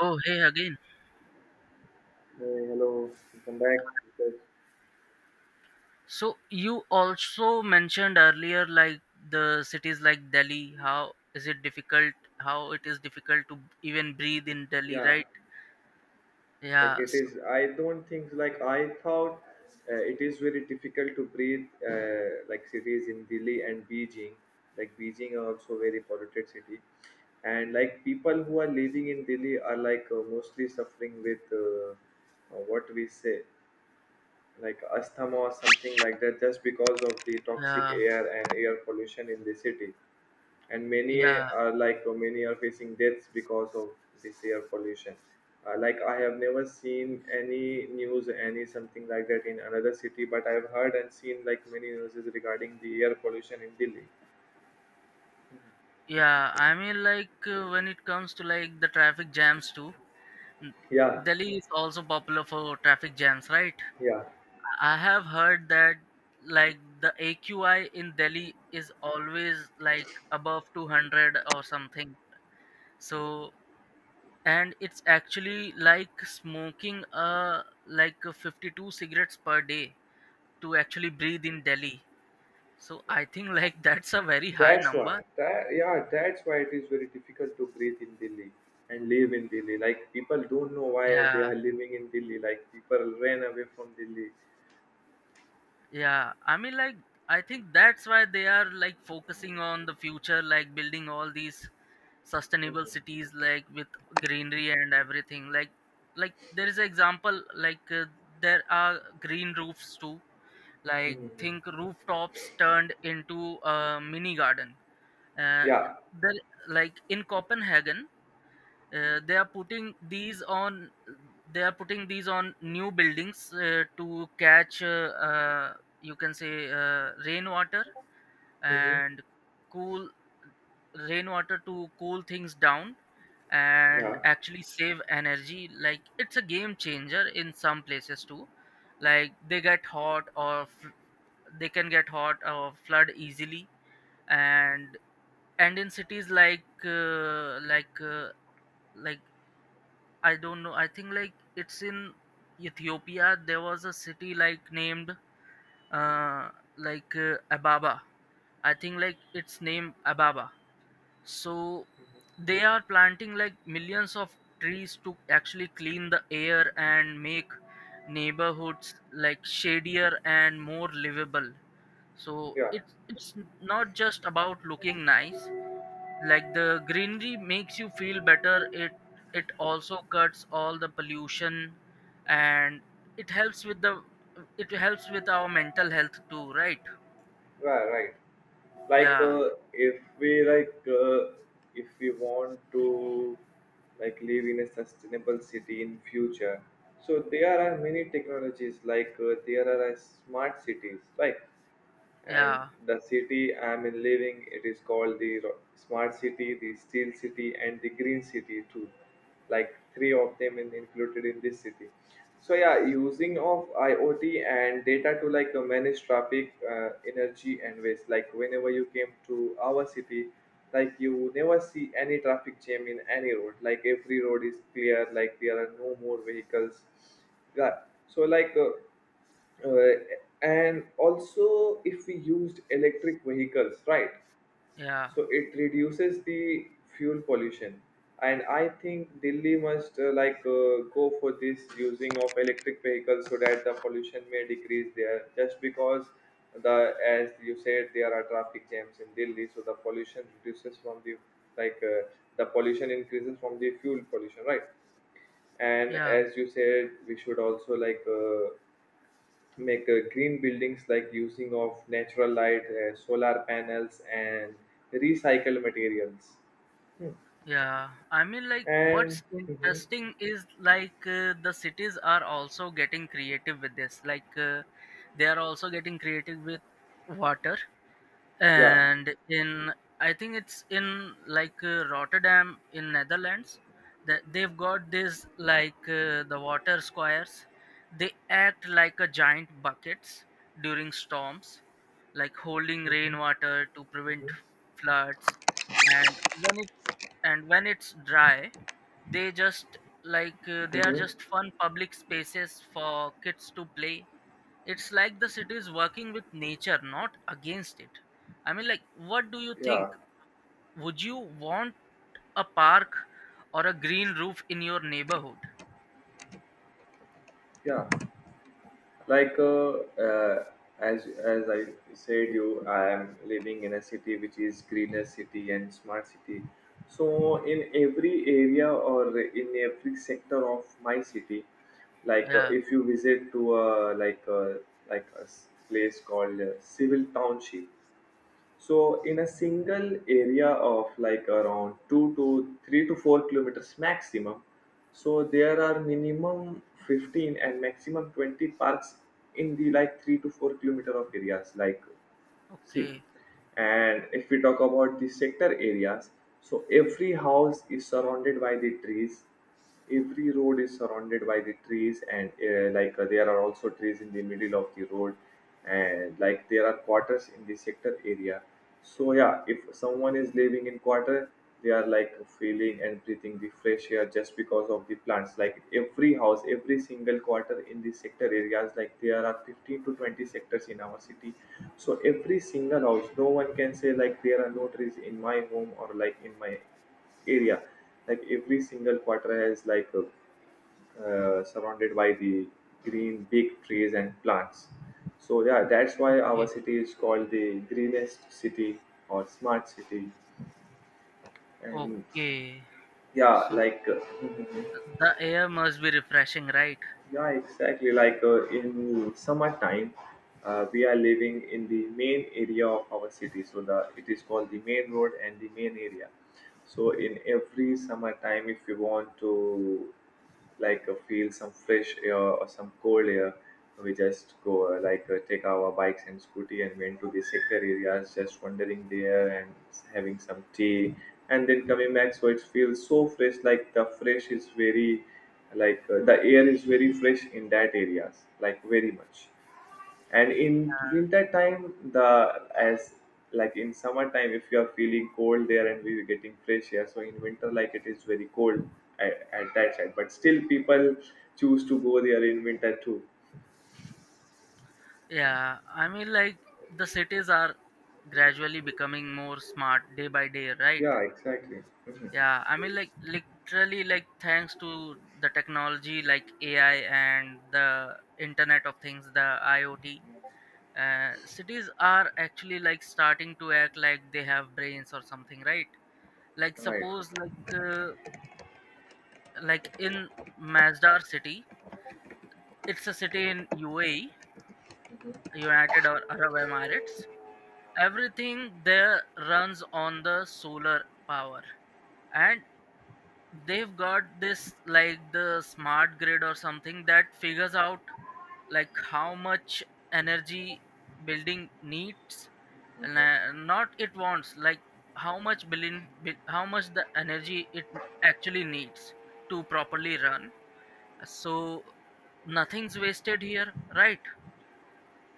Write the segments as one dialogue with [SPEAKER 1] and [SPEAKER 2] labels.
[SPEAKER 1] Oh, hey again.
[SPEAKER 2] Hey, hello, welcome back. Because
[SPEAKER 1] So you also mentioned earlier, like the cities like Delhi, how is it difficult? How it is difficult to even breathe in Delhi,
[SPEAKER 2] Yeah,
[SPEAKER 1] right?
[SPEAKER 2] like
[SPEAKER 1] Yeah,
[SPEAKER 2] it is. I don't think like I thought It is very difficult to breathe like cities in Delhi and Beijing. Like Beijing are also very polluted city, and like people who are living in Delhi are like mostly suffering with what we say like asthma or something like that just because of the toxic
[SPEAKER 1] yeah,
[SPEAKER 2] air and air pollution in the city, and
[SPEAKER 1] yeah,
[SPEAKER 2] many are facing deaths because of this air pollution. Uh, like I have never seen any news, any something like that in another city, but I've heard and seen like many news regarding the air pollution in Delhi.
[SPEAKER 1] yeah. I mean, like when it comes to like the traffic jams too, n-
[SPEAKER 2] Yeah,
[SPEAKER 1] Delhi is also popular for traffic jams, right?
[SPEAKER 2] yeah,
[SPEAKER 1] I have heard that like the AQI in Delhi is always like above 200 or something. So and it's actually like smoking 52 cigarettes per day to actually breathe in Delhi. So
[SPEAKER 2] yeah,
[SPEAKER 1] I think like that's a very high number.
[SPEAKER 2] that's why it is very difficult to breathe in Delhi and live in Delhi. Like people don't know why they
[SPEAKER 1] Yeah,
[SPEAKER 2] are living in Delhi, like people ran away from Delhi.
[SPEAKER 1] yeah. I mean, like I think that's why they are like focusing on the future, like building all these sustainable
[SPEAKER 2] Mhm.
[SPEAKER 1] cities like with greenery and everything. Like there is an example like there are green roofs too, like
[SPEAKER 2] Mhm.
[SPEAKER 1] think rooftops turned into a mini garden. Uh,
[SPEAKER 2] Yeah.
[SPEAKER 1] the like in Copenhagen, they are putting these on. They are putting these on new buildings to catch. Uh, you can say rainwater
[SPEAKER 2] Mhm.
[SPEAKER 1] and cool rainwater to cool things down and
[SPEAKER 2] Yeah.
[SPEAKER 1] actually save energy. Like it's a game changer in some places too. Like they get hot or they can get hot or flood easily. And and in cities like like I don't know, I think like it's in Ethiopia. There was a city like named uh Ababa. I think like it's named Ababa. So they are planting like millions of trees to actually clean the air and make neighborhoods like shadier and more livable. So
[SPEAKER 2] Yeah.
[SPEAKER 1] it's not just about looking nice. Like the greenery makes you feel better. It also cuts all the pollution, and it helps with the it helps with our mental health too, right?
[SPEAKER 2] Right, right. Like
[SPEAKER 1] Yeah,
[SPEAKER 2] uh, if we like uh, if we want to like live in a sustainable city in future, so there are many technologies, there are smart cities, right? And
[SPEAKER 1] yeah,
[SPEAKER 2] the city I'm in living, it is called the smart city, the steel city, and the green city too. Like three of them in, included in this city. So yeah, using of IoT and data to manage traffic, energy, and waste. Like whenever you came to our city, like you never see any traffic jam in any road. Like every road is clear. Like there are no more vehicles. Yeah. So like. Uh, uh, and also if we used electric vehicles, right,
[SPEAKER 1] yeah,
[SPEAKER 2] so it reduces the fuel pollution. And I think Delhi must go for this using of electric vehicles so that the pollution may decrease there, just because the, as you said, there are traffic jams in Delhi, so the pollution reduces from the like uh, the pollution increases from the fuel pollution, right. And
[SPEAKER 1] yeah,
[SPEAKER 2] as you said, we should also make green buildings, like using of natural light, solar panels and recycled materials. Hmm.
[SPEAKER 1] yeah. I mean, like
[SPEAKER 2] And
[SPEAKER 1] what's
[SPEAKER 2] Mhm.
[SPEAKER 1] interesting is like the cities are also getting creative with this, like they are also getting creative with water.
[SPEAKER 2] Yeah.
[SPEAKER 1] And in I think it's in like Rotterdam in Netherlands, that they've got this like the water squares. They act like a giant buckets during storms, like holding
[SPEAKER 2] Mhm.
[SPEAKER 1] rainwater to prevent
[SPEAKER 2] Mhm.
[SPEAKER 1] floods. and when it and when it's dry, they just they are
[SPEAKER 2] Mhm.
[SPEAKER 1] just fun public spaces for kids to play. It's like the city is working with nature, not against it. I mean, like what do you think?
[SPEAKER 2] Yeah.
[SPEAKER 1] Would you want a park or a green roof in your neighborhood?
[SPEAKER 2] Yeah. like uh, uh, as I said you, I am living in a city which is greener city and smart city. So in every area or in every sector of my city,
[SPEAKER 1] Yeah.
[SPEAKER 2] if you visit to a place called civil township. So in a single area of like around 2 to 3 to 4 kilometers maximum, so there are minimum 15 and maximum 20 parks in the like 3 to 4 kilometer of areas, like, see,
[SPEAKER 1] Okay,
[SPEAKER 2] and if we talk about the sector areas, so every house is surrounded by the trees. Every road is surrounded by the trees, and there are also trees in the middle of the road, and like there are quarters in the sector area. So yeah, if someone is living in quarter, they are like feeling and breathing the fresh air just because of the plants. Like every house, every single quarter in the sector areas, like there are 15 to 20 sectors in our city, so every single house, no one can say like there are no trees in my home or like in my area. Like every single quarter has surrounded by the green big trees and plants. So yeah, that's why our
[SPEAKER 1] okay,
[SPEAKER 2] city is called the greenest city or smart city. And
[SPEAKER 1] okay.
[SPEAKER 2] yeah,
[SPEAKER 1] So the air must be refreshing, right?
[SPEAKER 2] yeah, exactly. In summertime, we are living in the main area of our city, so the it is called the main road and the main area. So in every summertime, if you want to feel some fresh air or some cold air, we just go take our bikes and scooty and went to the sector areas, just wandering there and having some tea, and then coming back. So it feels so fresh, like the fresh is very, the air is very fresh in that areas, like very much. And in winter time, the as like in summertime if you are feeling cold there and we were getting fresh air, so in winter like it is very cold at that side, but still people choose to go there in winter too.
[SPEAKER 1] Yeah, I mean, like the cities are gradually becoming more smart day by day, right?
[SPEAKER 2] Yeah, exactly. Mhm.
[SPEAKER 1] Yeah, I mean, like literally, like thanks to the technology like AI and the Internet of Things, the IoT, cities are actually like starting to act like they have brains or something, right? Like
[SPEAKER 2] Right.
[SPEAKER 1] suppose like in Masdar city, it's a city in UAE, United or Arab Emirates. Everything there runs on the solar power. And they've got this like the smart grid or something that figures out like how much energy building needs, and not it wants, like how much the energy it actually needs to properly run. So nothing's wasted here, right?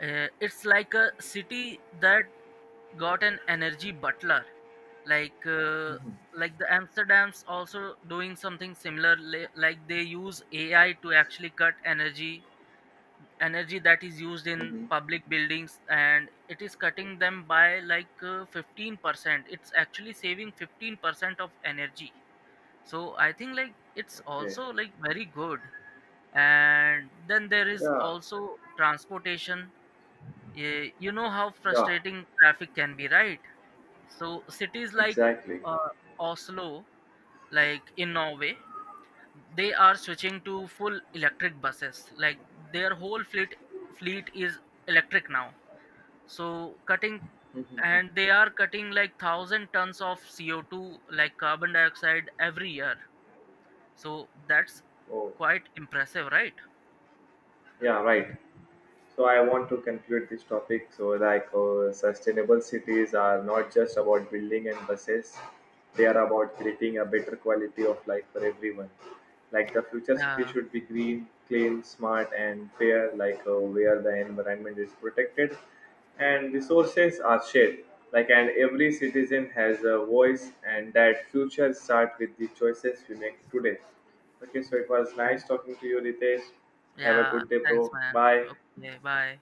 [SPEAKER 1] It's like a city that got an energy butler. Like like the Amsterdam's also doing something similar. Like they use AI to actually cut energy that is used in
[SPEAKER 2] Mhm.
[SPEAKER 1] public buildings, and it is cutting them by like 15% it's actually saving 15% of energy. So I think like it's
[SPEAKER 2] Okay.
[SPEAKER 1] also like very good. And then there is
[SPEAKER 2] Yeah.
[SPEAKER 1] also transportation. You know how
[SPEAKER 2] Yeah,
[SPEAKER 1] frustrating traffic can be, right? So cities like
[SPEAKER 2] exactly.
[SPEAKER 1] uh, Oslo, like in Norway, they are switching to full electric buses. Like their whole fleet is electric now. So cutting and they are cutting like 1,000 tons of CO2, like carbon dioxide, every year. So that's
[SPEAKER 2] Oh.
[SPEAKER 1] quite impressive, right?
[SPEAKER 2] Yeah, right. So I want to conclude this topic. So sustainable cities are not just about building and buses; they are about creating a better quality of life for everyone. Like the future city
[SPEAKER 1] Yeah,
[SPEAKER 2] should be green, clean, smart, and fair. Where the environment is protected and resources are shared. Like and every citizen has a voice, and that future start with the choices we make today. Okay, so it was
[SPEAKER 1] yeah,
[SPEAKER 2] nice talking to you, Ritesh. Have a
[SPEAKER 1] yeah.
[SPEAKER 2] good day,
[SPEAKER 1] Thanks,
[SPEAKER 2] bro.
[SPEAKER 1] man.
[SPEAKER 2] Bye.
[SPEAKER 1] Okay, bye.